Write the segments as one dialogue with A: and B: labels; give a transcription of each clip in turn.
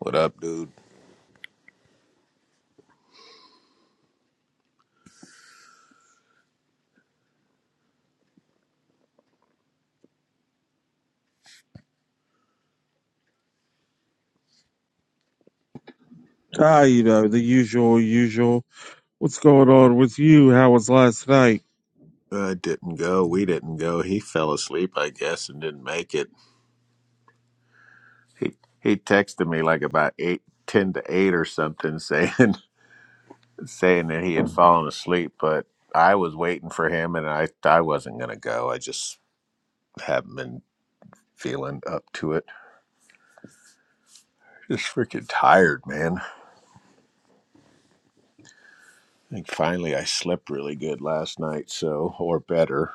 A: What up, dude?
B: Ah, you know, the usual, usual. What's going on with you? How was last night?
A: I didn't go. We didn't go. He fell asleep, I guess, and didn't make it. He he texted me like about eight, ten to eight or something, saying saying that he had fallen asleep. But I was waiting for him, and I I wasn't gonna go. I just haven't been feeling up to it. Just freaking tired, man. I think finally I slept really good last night, so or better.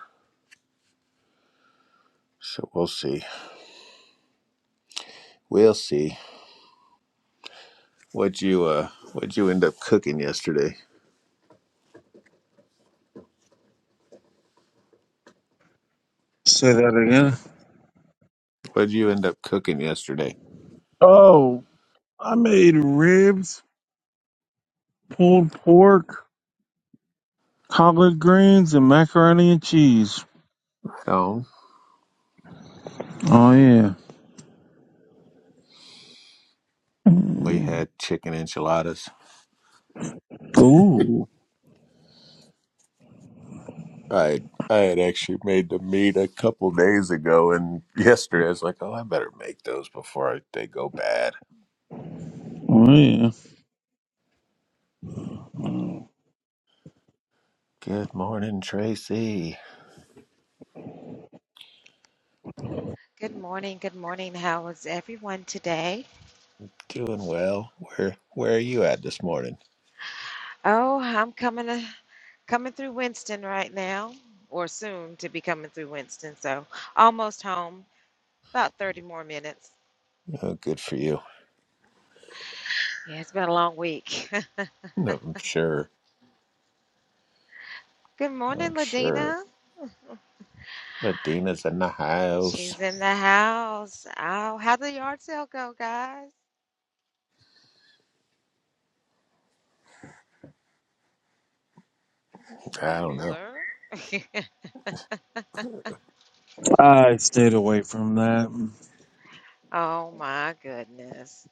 A: So we'll see. We'll see. What would you uh? What would you end up cooking yesterday?
B: Say that again.
A: What did you end up cooking yesterday?
B: Oh, I made ribs, pulled pork, collard greens, and macaroni and cheese.
A: Oh,
B: Oh, yeah.
A: we
B: Mm.
A: had chicken enchiladas.
B: Ooh.
A: I I had actually made the meat a couple days ago, and yesterday I was like, oh, I better make those before I, they go bad.
B: Oh, yeah.
A: Good morning, Tracy.
C: Good morning. Good morning. How is everyone today?
A: Doing well. Where Where are you at this morning?
C: Oh, I'm coming uh coming through Winston right now, or soon to be coming through Winston. So almost home. About 30 more minutes.
A: Oh, good for you.
C: Yeah, it's been a long week.
A: No, I'm sure.
C: good morning,
A: I'm sure.
C: Ladina.
A: Adina's in the house.
C: She's in the house. Oh, how the yard sale go, guys?
A: I don't know.
C: Bueller.
B: I stayed away from that.
C: oh my goodness.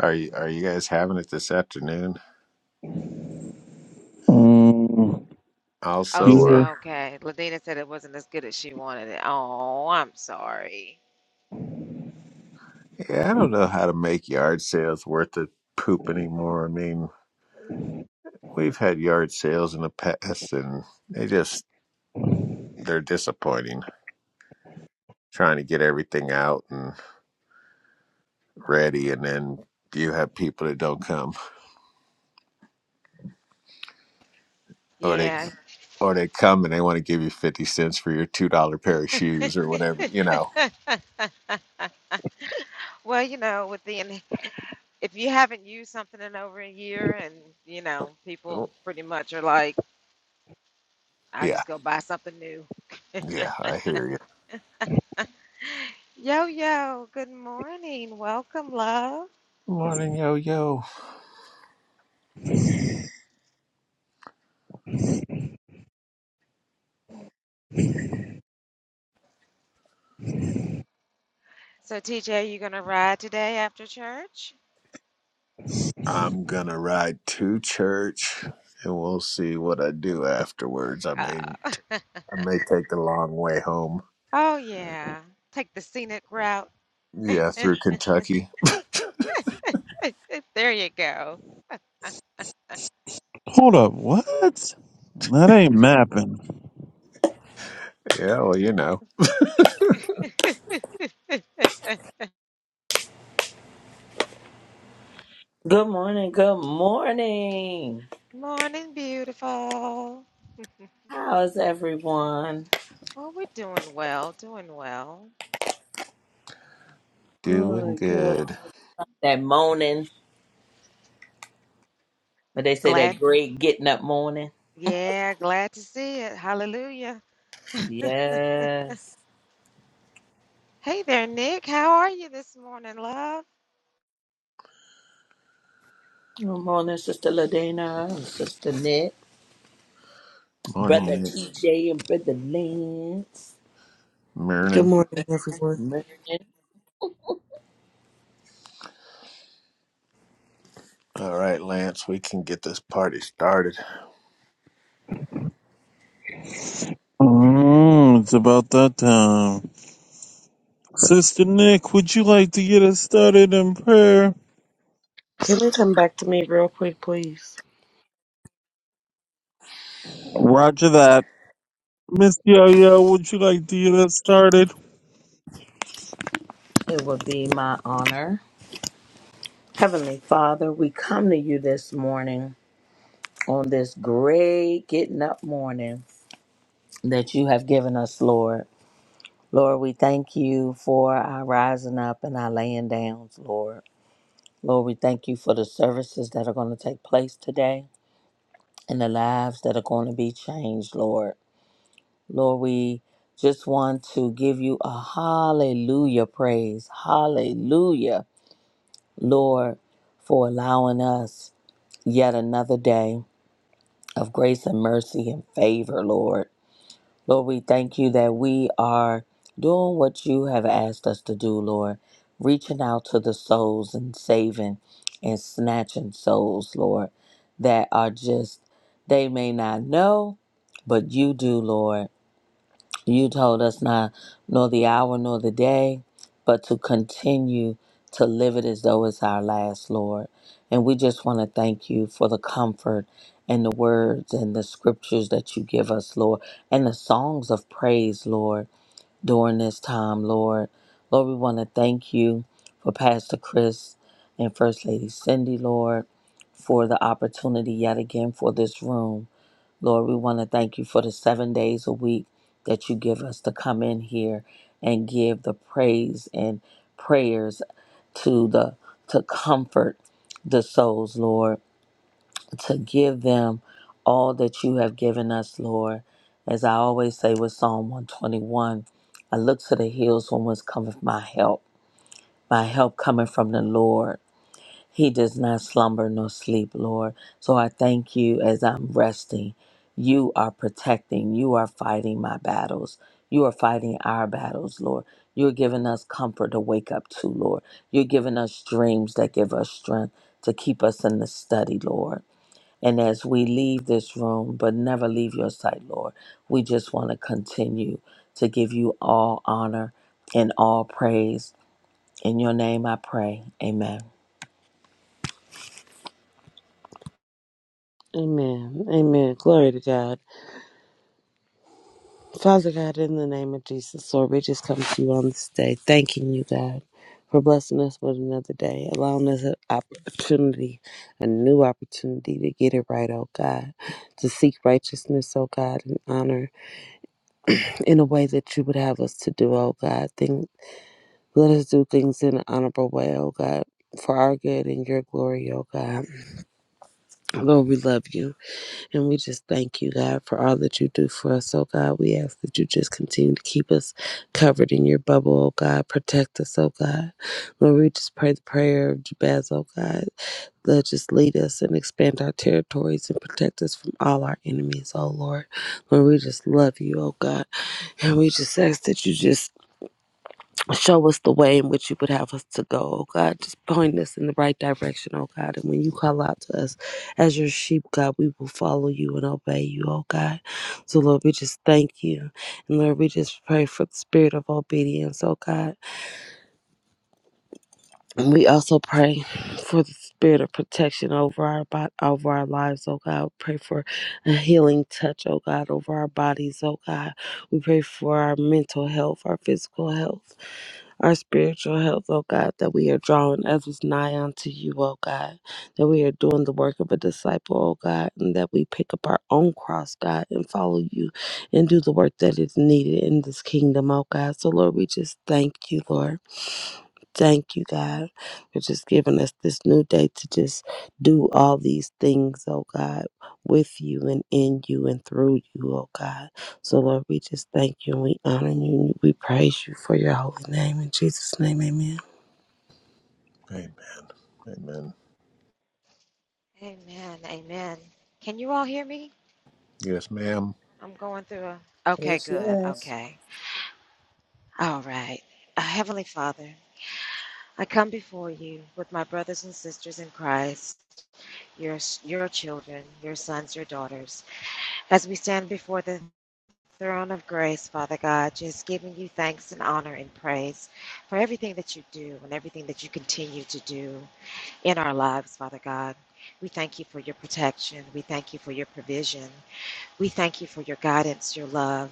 A: Are you Are you guys having it this afternoon
B: Mm.
C: Oh,
A: also,
C: she,
B: Yeah.
A: or?
C: okay. Ladina said it wasn't as good as she wanted it. Oh, I'm sorry.
A: Yeah, I don't know how to make yard sales worth the poop anymore. I mean, we've had yard sales in the past and they just they're disappointing. Trying to get everything out and ready and then you have people that don't come. Or they
C: Yeah,
A: or they come and they want to give you fifty cents for your two dollar pair of shoes or whatever, you know.
C: well, you know, with the and if you haven't used something in over a year, and you know, people
A: Oh,
C: pretty much are like, "I
A: Yeah.
C: just go buy something new."
A: Yeah, I hear you.
C: yo, yo, good morning, welcome, love.
A: Morning yo yo.
C: So, TJ, you gonna ride today after church?
A: I'm gonna ride to church and we'll see what I do afterwards. I mean
C: Uh,
A: I may take the long way home.
C: oh yeah, take the scenic route.
A: Yeah, through Kentucky.
C: there you go.
B: Hold up. What? That ain't mapping.
A: yeah, well, you know,
D: Good morning. Good morning.
C: Morning, beautiful.
D: How's everyone?
C: Well, we're doing well, doing well.
A: doing
D: Good, good.
A: good.
D: That morning, but they say
C: Glad,
D: that great getting up morning.
C: yeah, glad to see it. Hallelujah.
D: Yes.
C: Hey there, Nick. How are you this morning, love?
D: Good morning, Sister Ladena, Sister Nick,
A: Morning,
D: Brother
A: Nick.
D: TJ, and Brother Lance.
E: Good
A: Morning.
E: morning, everyone.
D: Morning.
A: All right, Lance, we can get this party started.
B: Mm, it's about that time. Sister Nick, would you like to get us started in prayer?
E: Can we come back to me real quick, please?
B: Roger that. Miss Yo Yo, would you like to get us started?
D: It will be my honor. Heavenly Father, we come to you this morning on this great getting up morning that you have given us, Lord. Lord, we thank you for our rising up and our laying downs, Lord. Lord, we thank you for the services that are going to take place today and the lives that are going to be changed, Lord. Lord, we just want to give you a hallelujah praise. Hallelujah, Lord, for allowing us yet another day of grace and mercy and favor, Lord. Lord, we thank you that we are doing what you have asked us to do, Lord, reaching out to the souls and saving and snatching souls, Lord, that are just, they may not know, but you do, Lord. You told us not nor the hour nor the day, but to continue to live it as though it's our last, Lord. And we just want to thank you for the comfort and the words and the scriptures that you give us, Lord, and the songs of praise, Lord, during this time, Lord. Lord, we want to thank you for Pastor Chris and First Lady Cindy, Lord, for the opportunity yet again for this room. Lord, we want to thank you for the seven days a week that you give us to come in here and give the praise and prayers to the to comfort the souls, Lord, to give them all that you have given us, Lord. As I always say with Psalm 121, I look to the hills when was cometh my help. My help coming from the Lord he does not slumber nor sleep, Lord. So I thank you as I'm resting. You are protecting. You are fighting my battles. You are fighting our battles, Lord. You're giving us comfort to wake up to, Lord. You're giving us dreams that give us strength to keep us in the study, Lord. And as we leave this room, but never leave your sight, Lord, we just want to continue to give you all honor and all praise. In your name I pray. Amen.
E: Amen. Amen. Glory to God. Father God, in the name of Jesus, Lord, we just come to you on this day, thanking you, God, for blessing us with another day, allowing us an opportunity, a new opportunity to get it right, oh God, to seek righteousness, oh God, and honor in a way that you would have us to do, oh God. Think, let us do things in an honorable way, oh God, for our good and your glory, oh God. Lord, we love you. And we just thank you, God, for all that you do for us. Oh, God, we ask that you just continue to keep us covered in your bubble, oh, God. Protect us, oh, God. Lord, we just pray the prayer of Jabez, oh, God. Lord, just lead us and expand our territories and protect us from all our enemies, oh, Lord. Lord, we just love you, oh, God. And we just ask that you just Show us the way in which you would have us to go, oh God. Just point us in the right direction, oh God. And when you call out to us as your sheep, God, we will follow you and obey you, oh God. So, Lord, we just thank you. And Lord, we just pray for the spirit of obedience, oh God. And we also pray for the spirit of protection over our bo- over our lives, oh God. We pray for a healing touch, oh God, over our bodies, oh God. We pray for our mental health, our physical health, our spiritual health, oh God, that we are drawing others nigh unto you, oh God. That we are doing the work of a disciple, oh God, and that we pick up our own cross, God, and follow you and do the work that is needed in this kingdom, oh God. So Lord, we just thank you, Lord. Thank you, God. You're just giving us this new day to just do all these things, oh God, with you and in you and through you, oh God. So, Lord, we just thank you and we honor you and we praise you for your holy name. In Jesus' name, amen.
A: Amen. Amen.
C: Amen. Amen. Can you all hear me?
A: Yes, ma'am.
C: I'm going through a. Okay, good. Okay. All right. Uh, Heavenly Father, I come before you with my brothers and sisters in Christ, your your children, your sons, your daughters, as we stand before the throne of grace, Father God, just giving you thanks and honor and praise for everything that you do and everything that you continue to do. in our lives, Father God. We thank you for your protection. We thank you for your provision. We thank you for your guidance, your love,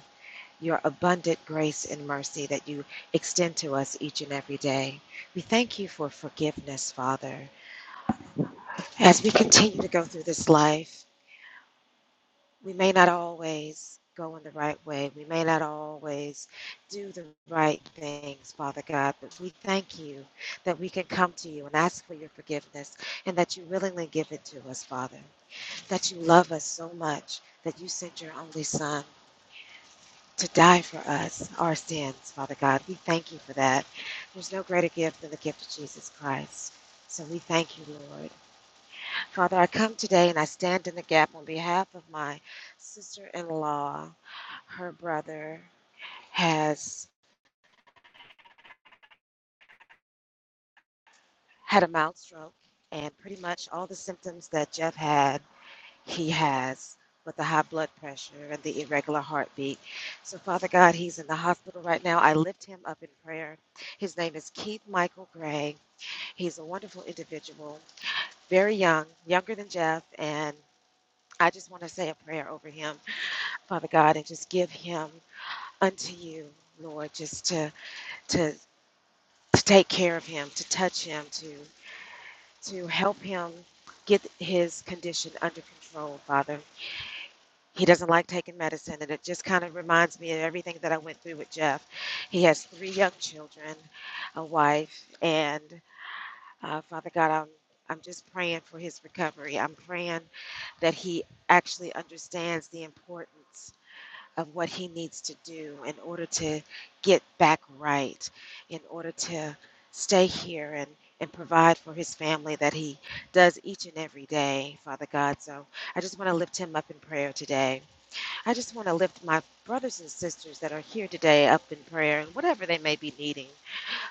C: your abundant grace and mercy that you extend to us each and every day. We thank you for forgiveness, Father. As we continue to go through this life, we may not always go in the right way. We may not always do the right things, Father God, but we thank you that we can come to you and ask for your forgiveness and that you willingly give it to us, Father. that you love us so much that you sent your only son to die for us, our sins, Father God. We thank you for that. There's no greater gift than the gift of Jesus Christ. So we thank you, Lord. Father, I come today and I stand in the gap on behalf of my sister in law. Her brother has had a mild stroke and pretty much all the symptoms that Jeff had. he has with the high blood pressure and the irregular heartbeat. So, Father God, he's in the hospital right now. I lift him up in prayer. His name is Keith Michael Gray. He's a wonderful individual, very young, younger than Jeff. And I just want to say a prayer over him, Father God, and just give him unto you, Lord, just to, to, to take care of him, to touch him, to, to help him get his condition under control, Father. He doesn't like taking medicine, and it just kind of reminds me of everything that I went through with Jeff. He has three young children, a wife, and uh, Father God, I'm I'm just praying for his recovery. I'm praying that he actually understands the importance of what he needs to do in order to get back right, in order to stay here and, and provide for his family that he does each and every day, Father God. So I just want to lift him up in prayer today. I just want to lift my brothers and sisters that are here today up in prayer and whatever they may be needing,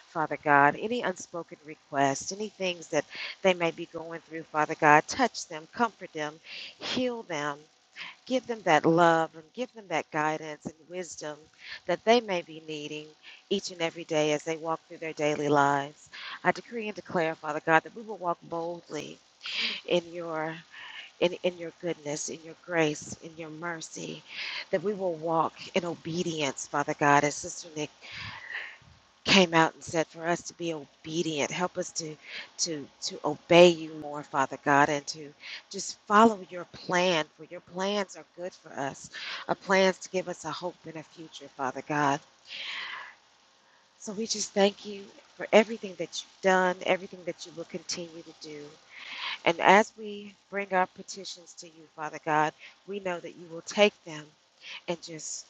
C: Father God. Any unspoken requests, any things that they may be going through, Father God, touch them, comfort them, heal them. Give them that love and give them that guidance and wisdom that they may be needing each and every day as they walk through their daily lives. I decree and declare, Father God, that we will walk boldly in your in, in your goodness, in your grace, in your mercy, that we will walk in obedience, Father God. As Sister Nick came out and said, for us to be obedient, help us to to to obey you more, Father God, and to just follow your plan, for your plans are good for us. A plans to give us a hope and a future, Father God. So we just thank you for everything that you've done, everything that you will continue to do. And as we bring our petitions to you, Father God, we know that you will take them and just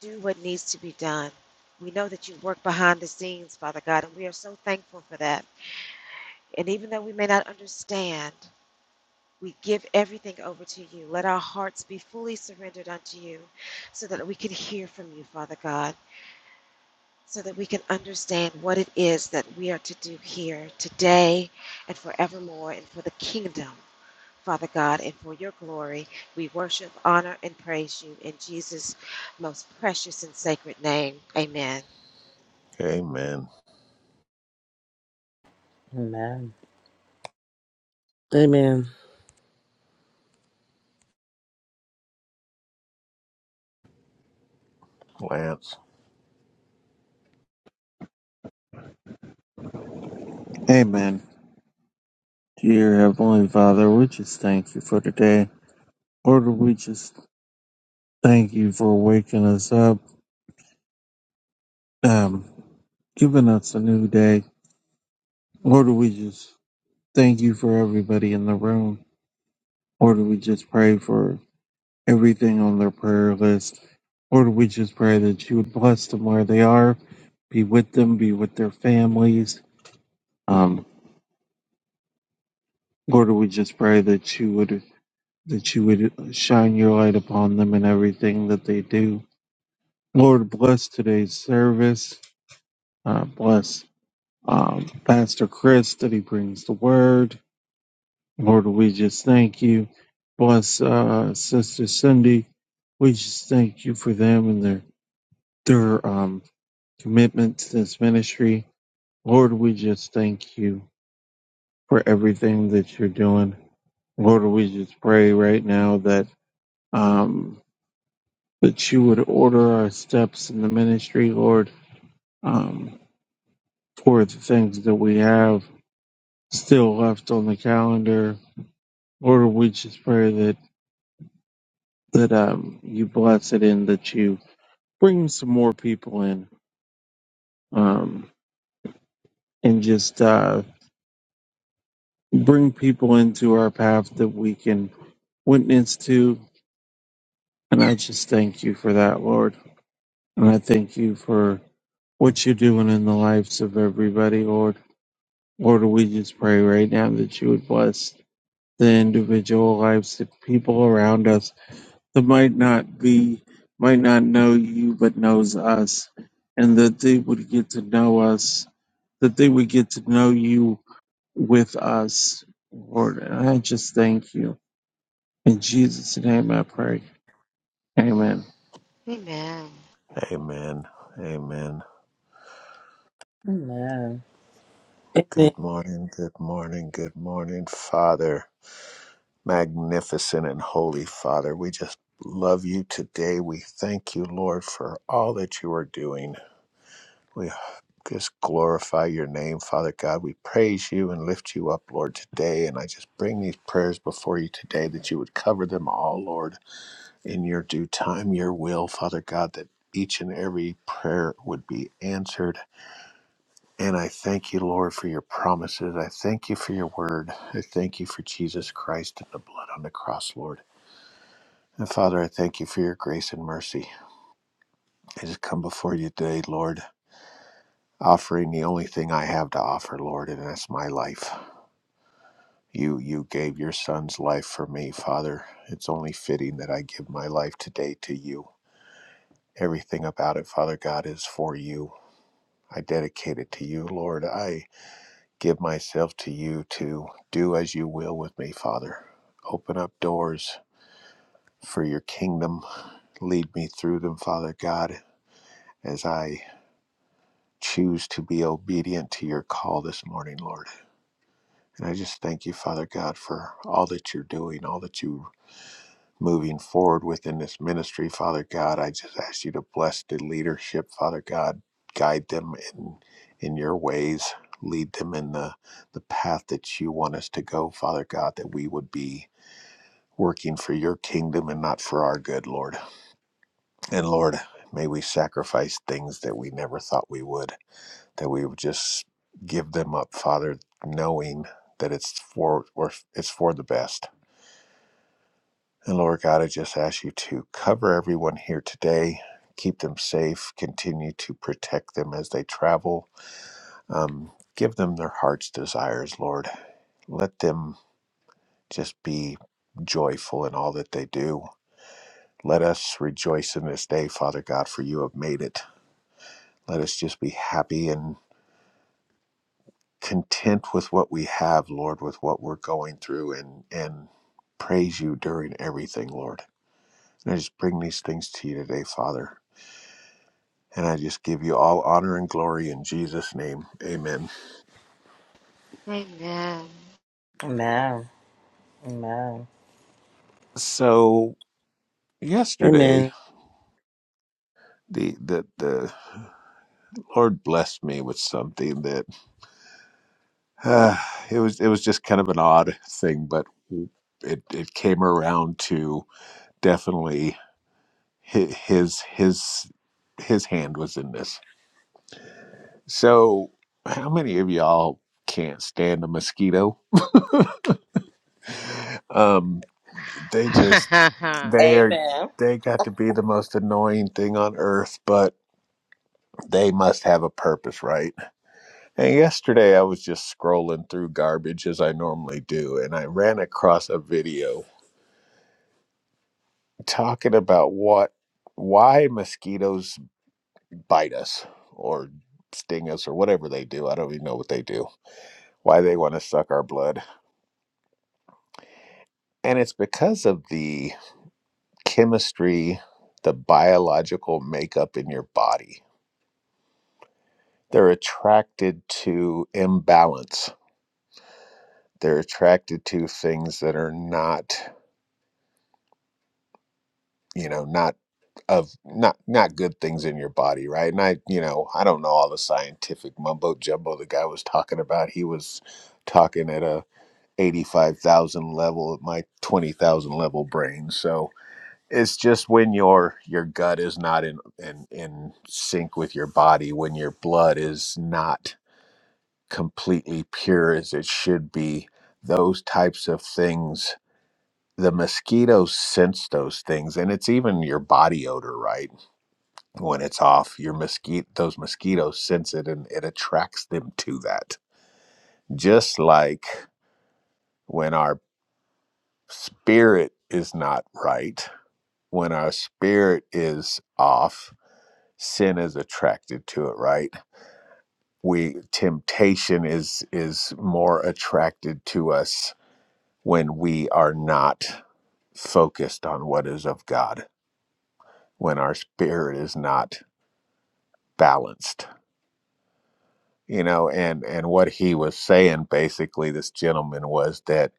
C: do what needs to be done. We know that you work behind the scenes, Father God, and we are so thankful for that. And even though we may not understand, we give everything over to you. Let our hearts be fully surrendered unto you so that we can hear from you, Father God, so that we can understand what it is that we are to do here today and forevermore and for the kingdom Father God, and for your glory, we worship, honor, and praise you in Jesus' most precious and sacred name. Amen.
A: Amen.
D: Amen.
E: Amen.
A: Lance.
B: Amen. Dear Heavenly Father, we just thank you for today. Lord, we just thank you for waking us up, um, giving us a new day. Lord, we just thank you for everybody in the room. Lord, we just pray for everything on their prayer list. Lord, we just pray that you would bless them where they are, be with them, be with their families. Um, Lord, we just pray that you would that you would shine your light upon them in everything that they do. Lord, bless today's service. Uh, bless um, Pastor Chris that he brings the word. Lord, we just thank you. Bless uh, Sister Cindy. We just thank you for them and their their um, commitment to this ministry. Lord, we just thank you for everything that you're doing. Lord, we just pray right now that um, that you would order our steps in the ministry, Lord, um, for the things that we have still left on the calendar. Lord, we just pray that that um, you bless it and that you bring some more people in um, and just uh, bring people into our path that we can witness to And I just thank you for that, Lord. And I thank you for what you're doing in the lives of everybody, Lord. Lord, we just pray right now that you would bless the individual lives, the people around us that might not be, might not know you, but knows us, and that they would get to know us, that they would get to know you with us, Lord. And I just thank you. In Jesus' name I pray. Amen.
C: Amen.
A: Amen. Amen.
D: No.
E: Amen.
A: Good morning. Good morning. Good morning, Father. Magnificent and holy Father, we just love you today. We thank you, Lord, for all that you are doing. just glorify your name, Father God. We praise you and lift you up, Lord, today. And I just bring these prayers before you today that you would cover them all, Lord, in your due time, your will, Father God, that each and every prayer would be answered. And I thank you, Lord, for your promises. I thank you for your word. I thank you for Jesus Christ and the blood on the cross, Lord. And Father, I thank you for your grace and mercy. I just come before you today, Lord, offering the only thing I have to offer, Lord, and that's my life. You you gave your son's life for me, Father. It's only fitting that I give my life today to you. Everything about it, Father God, is for you. I dedicate it to you, Lord. I give myself to you to do as you will with me, Father. Open up doors for your kingdom. Lead me through them, Father God, as I choose to be obedient to your call this morning, Lord. And I just thank you, Father God, for all that you're doing, all that you moving forward within this ministry, Father God. I just ask you to bless the leadership, Father God. Guide them in in your ways. Lead them in the, the path that you want us to go, Father God, that we would be working for your kingdom and not for our good, Lord. And Lord, may we sacrifice things that we never thought we would, that we would just give them up, Father, knowing that it's for or it's for the best And Lord God, I just ask you to cover everyone here today, keep them safe, continue to protect them as they travel, um, give them their heart's desires, Lord. Let them just be joyful in all that they do. Let us rejoice in this day, Father God, for you have made it. Let us just be happy and content with what we have, Lord, with what we're going through and and praise you during everything, Lord. And I just bring these things to you today, Father. And I just give you all honor and glory in Jesus' name. Amen.
C: Amen.
A: So yesterday
E: Amen.
A: the the, the Lord blessed me with something that uh, it was it was just kind of an odd thing, but it, it came around to definitely hi- his his his hand was in this. So how many of y'all can't stand a mosquito? Um they just they are they got to be the most annoying thing on earth, but They must have a purpose, right? And yesterday I was just scrolling through garbage as I normally do, and I ran across a video talking about what, why mosquitoes bite us or sting us or whatever they do. I don't even know what they do, why they want to suck our blood. And it's because of the chemistry, the biological makeup in your body. They're attracted to imbalance. They're attracted to things that are not you know not of not not good things in your body right and i you know i don't know all the scientific mumbo jumbo the guy was talking about he was talking at a 85,000 level at my 20,000 level brain so it's just when your your gut is not in, in in sync with your body when your blood is not completely pure as it should be those types of things the mosquitoes sense those things and it's even your body odor right when it's off, your mosquito those mosquitoes sense it and it attracts them to that. Just like when our spirit is not right, when our spirit is off, sin is attracted to it, right? We temptation is is more attracted to us when we are not focused on what is of God, when our spirit is not balanced you know and and what he was saying basically this gentleman was that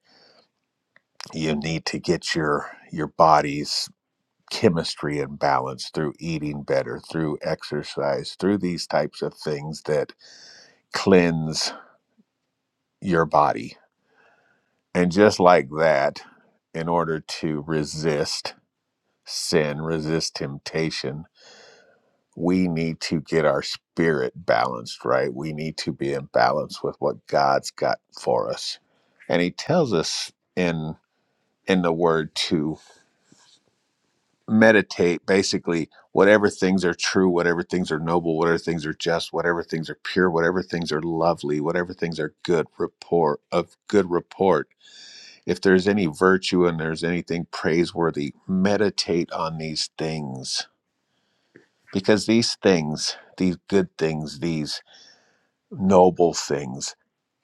A: you need to get your your body's chemistry in balance through eating better through exercise through these types of things that cleanse your body and just like that in order to resist sin resist temptation we need to get our spirit balanced, right? We need to be in balance with what God's got for us. And he tells us in in the word to meditate basically whatever things are true, whatever things are noble, whatever things are just, whatever things are pure, whatever things are lovely, whatever things are good report of good report. If there's any virtue and there's anything praiseworthy, meditate on these things because these things, these good things, these noble things,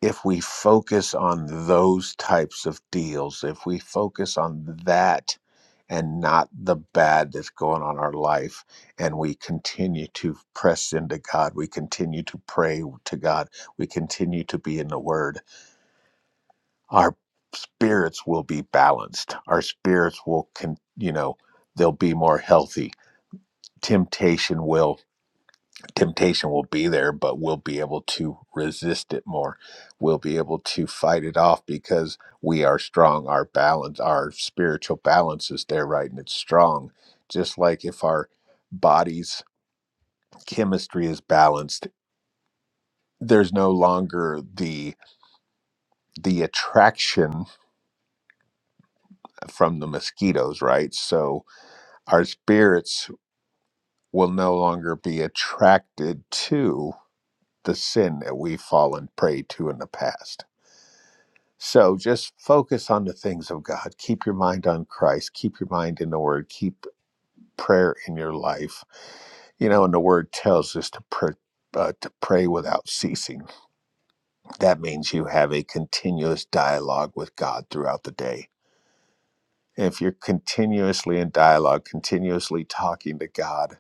A: if we focus on those types of deals, if we focus on that and not the bad that's going on in our life, and we continue to press into God, we continue to pray to God, we continue to be in the Word, our spirits will be balanced. Our spirits will, con- you know, they'll be more healthy. Temptation will temptation will be there, but we'll be able to resist it more. We'll be able to fight it off because we are strong. Our balance, our spiritual balance is there, right? And it's strong. Just like if our body's chemistry is balanced, there's no longer the the attraction from the mosquitoes, right? So our spirits will no longer be attracted to the sin that we've fallen prey to in the past So just focus on the things of God. Keep your mind on Christ. Keep your mind in the Word. Keep prayer in your life. You know, and the Word tells us to pray. Uh, to pray without ceasing. That means you have a continuous dialogue with God throughout the day. And If you're continuously in dialogue, continuously talking to God,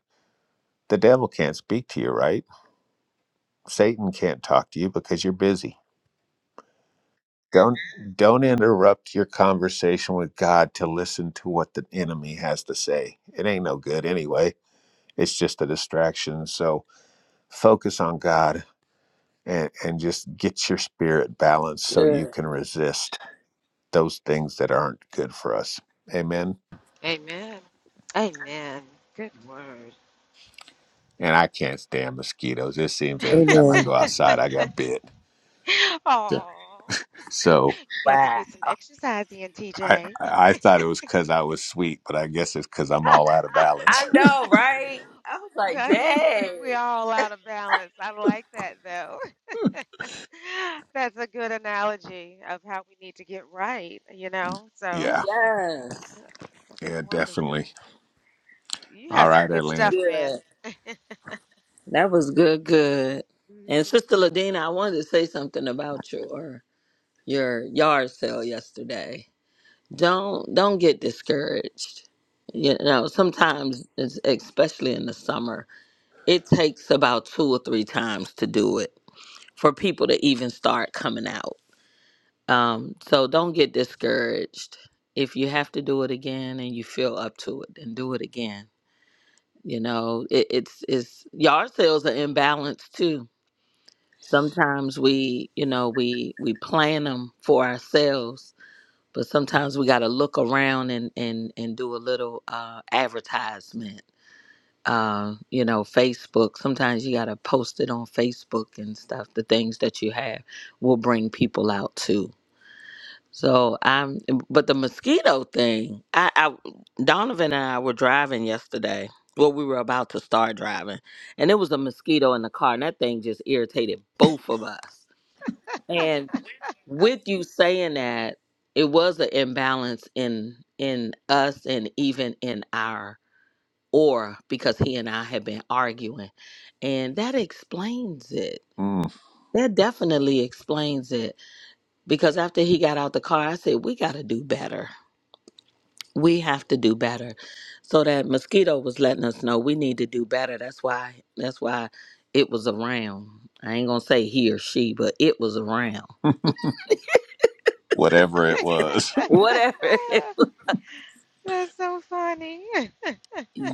A: the devil can't speak to you, right? Satan can't talk to you because you're busy Don't don't interrupt your conversation with God to listen to what the enemy has to say. It ain't no good anyway. It's just a distraction. So focus on God and, and just get your spirit balanced so you
D: Ugh.
A: can resist those things that aren't good for us. Amen.
C: Amen. Amen. Good word.
A: And I can't stand mosquitoes. It seems every time I
E: Amen.
A: go outside I got bit. Yeah.
C: oh,
A: So
C: you got to
D: Wow.
C: get some exercise in,
A: I
C: TJ.
A: I thought it was because I was sweet, but I guess it's because I'm all out of balance.
D: I know, right? I was like,
C: we-
D: dang.
C: we all out of balance. I like that though. That's a good analogy of how we need to get right, you know? So.
A: Yeah.
D: Yeah.
C: That's
A: Yeah, definitely.
C: wonderful. You have
A: All
C: some
A: right,
D: That
C: good
D: was
A: Atlanta.
C: stuff, man.
D: good. That was good, good. And
C: hmm
D: Sister Ladina, I wanted to say something about your your yard sale yesterday. Don't don't get discouraged. You know, sometimes, it's- especially in the summer, it takes about two or three times to do it for people to even start coming out. Um, so don't get discouraged. If you have to do it again and you feel up to it, then do it again. You know, it, it's it's yard sales are imbalanced too. Sometimes we, you know, we we plan them for ourselves, but sometimes we got to look around and and and do a little uh, advertisement. Uh, you know, Facebook. Sometimes you got to post it on Facebook and stuff. The things that you have will bring people out too So I'm, but the mosquito thing, I, I, Donovan and I were driving yesterday. Well, we were about to start driving, and it was a mosquito in the car, and that thing just irritated both of us. And with you saying that, it was an imbalance in in us and even in our aura because he and I had been arguing, and that explains it.
A: Mm,
D: That definitely explains it because after he got out the car, I said we got to do better we have to do better so that mosquito was letting us know we need to do better that's why that's why it was around i ain't gonna say he or she but it was around
A: whatever it was.
D: whatever it was.
C: That's so funny.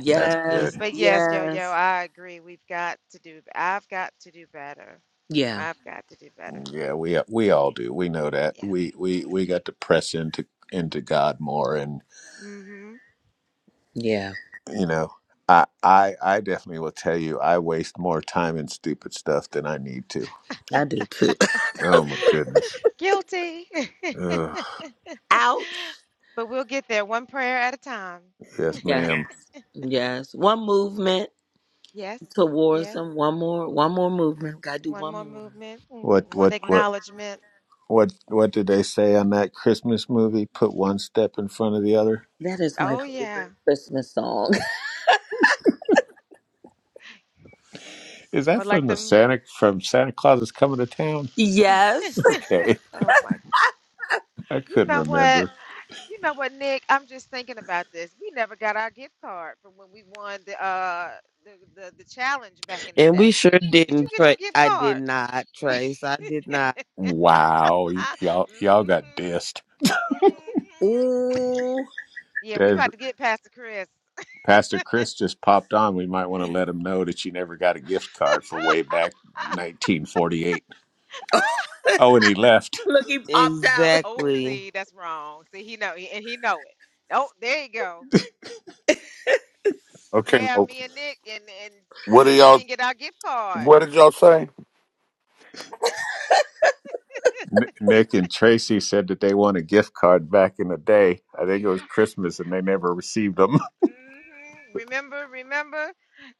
A: That's good.
C: But yes, yo yo,
D: yes
C: I agree. We've got to do I've got to do better.
D: yeah
C: I've got to do better.
A: Yeah, we we
C: And
A: all do. We know that.
C: yeah.
A: We we
C: Yeah.
A: we got to press into into God more
C: hmm
D: yeah
A: you know I, I i definitely will tell you i waste more time in stupid stuff than i need to
D: i do too
A: oh my goodness
C: Guilty.
A: Ugh.
D: ouch
C: But we'll get there one prayer at a time.
A: yes
D: yes
A: ma'am
D: yes one movement
C: Yes.
D: towards
C: Yes.
D: them one more one more movement gotta do
C: One
D: one
C: more
D: more
C: movement, mm,
A: what
C: one
A: what what
C: acknowledgement.
A: what what did they say on that christmas movie put one step in front of the other
D: that is my
C: Oh yeah.
D: favorite christmas song
A: is
C: Or
A: that
C: like
A: from the
C: them.
A: santa from santa claus is coming to town
D: yes
A: okay
C: Oh my.
A: i
C: You
A: couldn't
C: know what?
A: remember
C: You know what, Nick? I'm just thinking about this. We never got our gift card from when we won the uh the the, the challenge back in the
E: And we
C: day.
E: sure
C: Did you
E: didn't
C: get your
E: trace.
C: gift
E: I did
C: card?
E: not trace. I did not.
A: wow y-
C: I,
A: y'all y'all got
C: mm-hmm.
A: dissed
C: Mm-hmm.
D: Ooh.
C: Yeah, we
A: Dave,
C: about to get Pastor Chris.
A: pastor chris just popped on we might want to let him know that you never got a gift card for way back 1948 Oh, when he left,
D: Look, he popped out.
C: Oh,
E: Exactly.
C: see, that's wrong. See, he know and he know it. Oh, there you go.
F: Okay,
C: Yeah,
F: now
C: me and Nick and and
F: what
C: yeah,
F: did
C: we
F: y'all?
C: didn't get our gift card.
F: What did y'all say?
A: N- Nick and Tracy said that they won a gift card back in the day. I think it was Christmas, and they never received them.
C: Mm-hmm. Remember, remember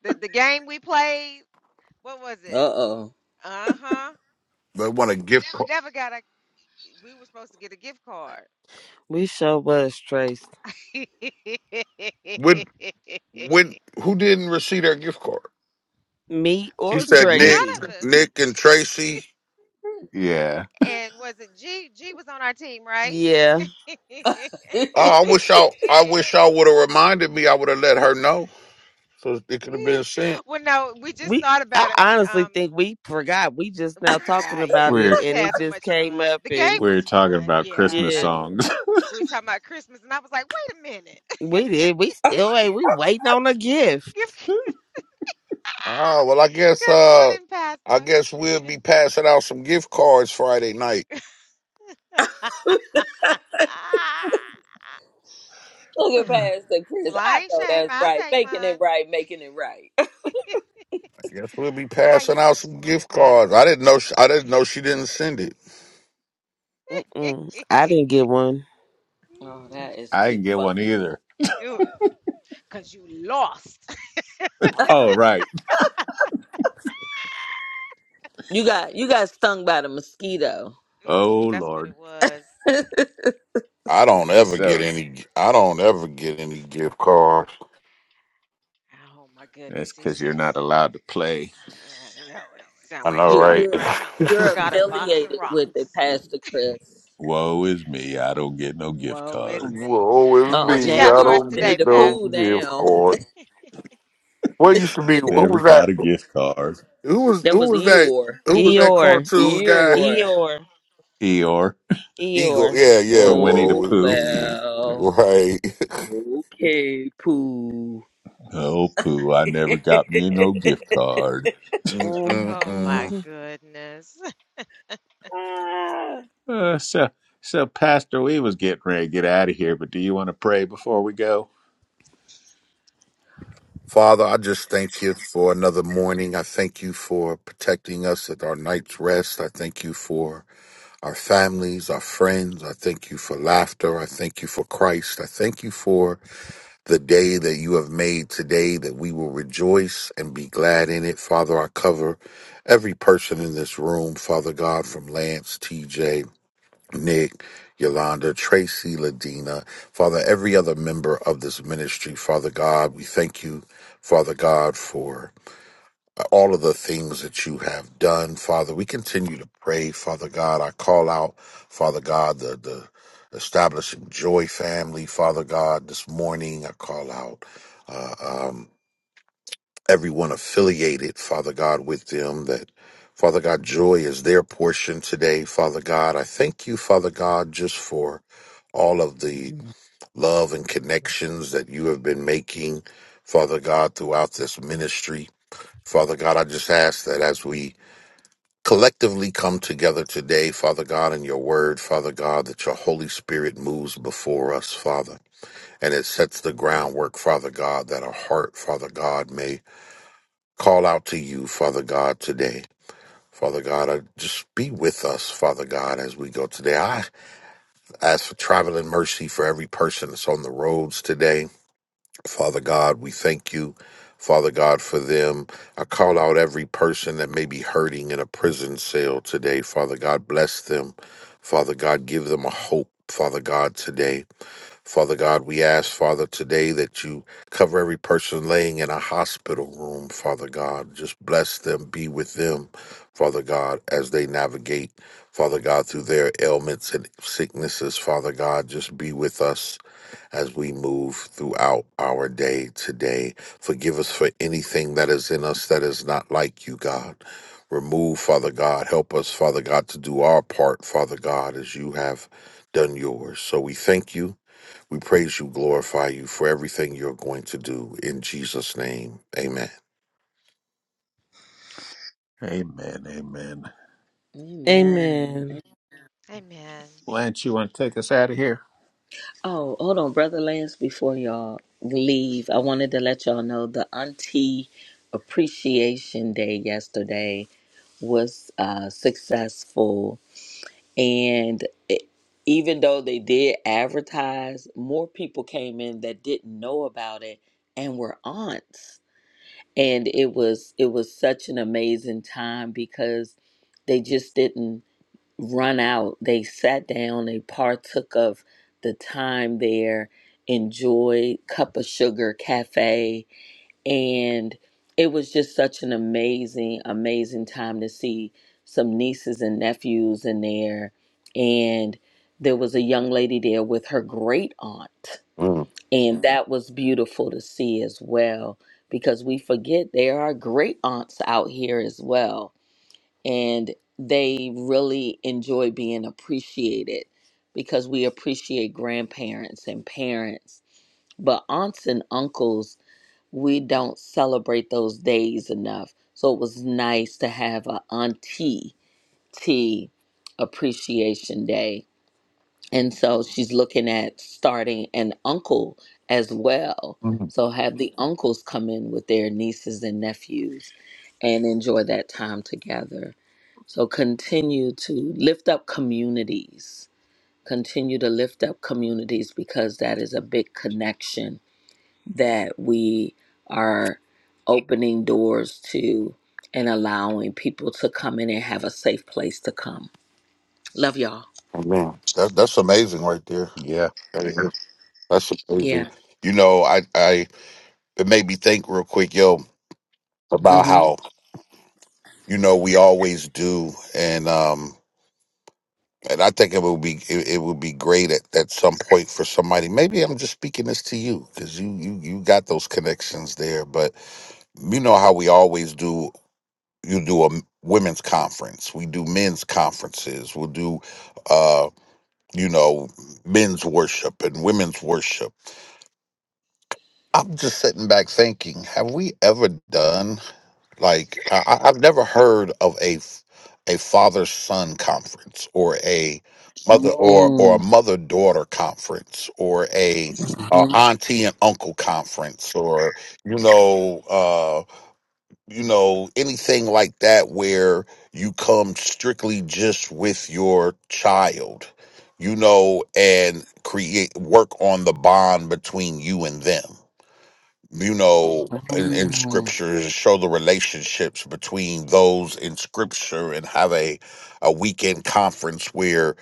C: the the game we played? What was
D: Uh
C: it?
D: oh.
C: Uh-huh.
F: They want a gift card.
C: Never got a. we were supposed to get a gift card.
E: We sure was traced.
C: None
F: When when who didn't receive their gift card?
E: Me
F: He
E: or
F: said
A: Nick,
F: Nick,
E: Tracy.
C: of us.
F: Nick and Tracy.
A: yeah,
C: And was it G? G was on our team, right?
E: Yeah.
D: Look
F: Oh, I wish y'all. I wish y'all would have reminded me. I would have let her know, so it could have been sent.
C: well, no, we just
E: we
C: thought
E: I
C: about it when
E: honestly
C: um
E: think we forgot. We just now
C: we
E: talking
C: forgot. Yeah,
E: about
C: we
E: it
A: we're
C: just
E: and it
C: had so
E: just
C: much
E: came
C: fun.
E: up
C: The
E: and
C: game
A: we're
C: was
A: talking
C: fun.
A: about
C: Yeah,
A: Christmas
C: uh,
E: yeah.
A: songs.
C: we were talking about Christmas, and I was like, wait a minute.
E: We did. We still ain't we waiting on a gift.
C: Gift-
F: Oh well, I guess.
C: Good
F: Uh,
C: morning, Pastor.
F: I guess we'll be passing out some gift cards Friday night.
D: at Pastor
C: well,
D: Chris.
C: I
D: I
C: ain't
D: know
C: shame.
D: that's
C: I'll
D: right.
C: take
D: Making
C: mine.
D: it right, making it right.
F: I guess we'll be
C: How you
F: passing out
C: doing this
F: some
C: morning,
F: gift cards.
C: Pastor?
F: I didn't know. She, I didn't know she didn't send it.
E: Mm-mm. I didn't get one.
D: Oh, that is
A: I
D: too
A: didn't get one
D: funny.
A: either.
C: you, cause you lost.
A: Oh, right.
D: You got you got stung by the mosquito.
A: Oh,
C: hmm that's what
A: Lord.
C: it was.
F: I don't
A: And
F: ever
A: So
F: get any. I don't ever get any gift cards.
C: Oh my
A: that's
C: goodness, he's
A: because you're not allowed to play.
C: I don't know. It sound
F: I
C: like
F: know,
D: You
C: Charlie
F: right?
D: you're
C: Brown. I
D: you're
C: got a box of
D: affiliated with it,
C: rocks.
D: Pastor Chris.
A: Woe is me. I don't get no gift
C: Woe is
A: cards.
F: Will
C: me.
F: always
D: Uh oh.
C: What you
F: be.
D: Now
C: got
F: I
C: for
D: we
C: us
D: on
F: don't
D: Winnie
F: get
C: today,
D: the
F: no
D: Pooh.
C: Pastor?
F: gift
D: Now
F: card. What used to be? Who
A: Never
F: was
A: got
F: that?
A: a gift card.
F: Who was
D: that
F: who
D: was
F: was that?
D: Eeyore.
F: Who was that
E: Eeyore.
F: cartoon guy?
D: Eeyore.
E: Eeyore.
A: Eeyore
F: Eagle.
E: Eeyore.
F: Yeah, yeah.
A: from Winnie the
D: Oh
F: Woe is
A: Pooh.
F: me.
D: well.
F: Right.
D: Okay, Pooh.
A: Oh, Pooh, I never got me no gift card.
C: Oh my
F: Mm-mm-mm.
E: Mhm.
C: goodness.
A: Uh, so, so Pastor, we was getting ready to get out of here, but do you want to pray before we go?
F: Father, I just thank you for another morning. I thank you for protecting us at our night's rest. I thank you for our families, our friends. I thank you for laughter. I thank you for Christ. I thank you for the day that you have made today that we will rejoice and be glad in it. Father, I cover every person in this room, Father God, from Lance, TJ, Nick, Yolanda, Tracy, Ladina, Father, every other member of this ministry, Father God, we thank you, Father God, for all of the things that you have done, Father. We continue to pray, Father God. I call out, Father God, the the establishing joy family, Father God. This morning, I call out uh, um, everyone affiliated, Father God, with them that. Father God, joy is their portion today. Father God, I thank you, Father God, just for all of the love and connections that you have been making, Father God, throughout this ministry. Father God, I just ask that as we collectively come together today, Father God, in your word, Father God, that your Holy Spirit moves before us, Father, and it sets the groundwork, Father God, that our heart, Father God, may call out to you, Father God, today. Father God, uh, just be with us, Father God, as we go today. I ask for traveling mercy for every person that's on the roads today. Father God, we thank you, Father God, for them. I call out every person that may be hurting in a prison cell today. Father God, bless them. Father God, give them a hope. Father God, today. Father God, we ask, Father, today that you cover every person laying in a hospital room, Father God. Just bless them, be with them, Father God, as they navigate, Father God, through their ailments and sicknesses, Father God. Just be with us as we move throughout our day today. Forgive us for anything that is in us that is not like you, God. Remove, Father God. Help us, Father God, to do our part, Father God, as you have done yours. So we thank you. We praise you, glorify you for everything you're going to do. In Jesus' name, amen.
A: Amen, amen.
D: Amen.
E: Amen.
C: Amen.
A: Lance, you want to take us out of here?
D: Oh, hold on, Brother Lance, before y'all leave, I wanted to let y'all know the Auntie Appreciation Day yesterday was uh, successful. And it, even though they did advertise, more people came in that didn't know about it and were aunts. And it was it was such an amazing time because they just didn't run out. They sat down, they partook of the time there, enjoyed Cup of Sugar Cafe, and it was just such an amazing, amazing time to see some nieces and nephews in there. And there was a young lady there with her great aunt,
F: Mm,
D: and Mhm. that was beautiful to see as well because we forget there are great aunts out here as well and they really enjoy being appreciated because we appreciate grandparents and parents. But aunts and uncles, we don't celebrate those days enough. So it was nice to have a auntie tea appreciation day. And so she's looking at starting an uncle as well. So have the uncles come in with their nieces and nephews and enjoy that time together. So continue to lift up communities. Continue to lift up communities because that is a big connection that we are opening doors to and allowing people to come in and have a safe place to come. Love y'all.
F: amen. That, that's amazing right there.
A: Yeah.
F: That is- Amen. That's amazing.
D: Yeah.
F: You know, I, I it made me think real quick, yo, about
D: Mm-hmm.
F: how you know we always do and um and i think it would be it, it would be great at, at some point for somebody maybe i'm just speaking this to you because you you you got those connections there but you know how we always do you do a women's conference we do men's conferences we'll do uh you know men's worship and women's worship i'm just sitting back thinking have we ever done Like I, I- I've never heard of a f- a father son conference or a mother or or a
D: Mm,
F: mother daughter conference or a uh,
D: mhm,
F: auntie and uncle conference or you know uh, you know anything like that where you come strictly just with your child, you know, and create work on the bond between you and them you know, in, in
D: mhm.
F: scriptures show the relationships between those in scripture and have a, a weekend conference where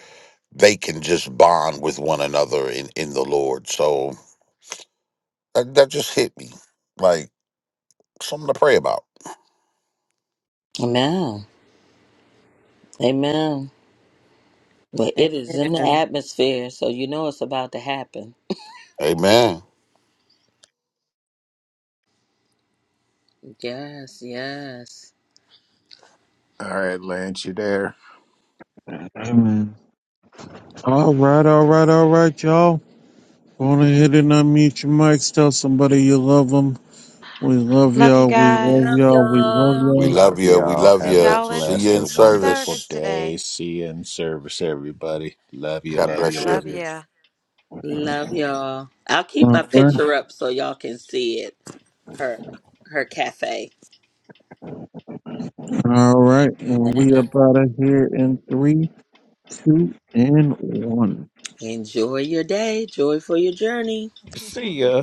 F: they can just bond with one another in, in the Lord. So that, that just hit me like something to pray about.
D: Amen. Amen. But it is in the
E: Amen.
D: atmosphere, so you know it's about to happen.
F: Amen.
D: Yes, yes.
A: All right, Lance, you there?
B: Amen. All right, all right, all right, y'all. Go on ahead and unmute your mics. Tell somebody you love them. We love
C: Love you
B: y'all. We love
D: Love
C: guys.
B: y'all. We love
D: y'all.
F: We
B: y'all.
F: love
A: Love
F: you. We
C: We'll
A: y'all.
F: love
C: see
A: Have a
F: you.
C: y'all
F: See you
A: blessed
C: in
F: in
A: and wonderful
F: service.
C: service
A: day.
C: today.
A: See you in service, everybody. Love you,
C: All
F: God
A: love
C: right.
A: you,
F: bless you.
A: love
C: Love
A: you.
C: ya.
D: Love y'all. I'll keep
B: All
D: my
B: right,
D: picture up so y'all can see it. Her her cafe.
B: all right. And we up
D: Man.
B: out of here in three, two, and one.
D: Enjoy your day. Joy for your journey.
A: See ya.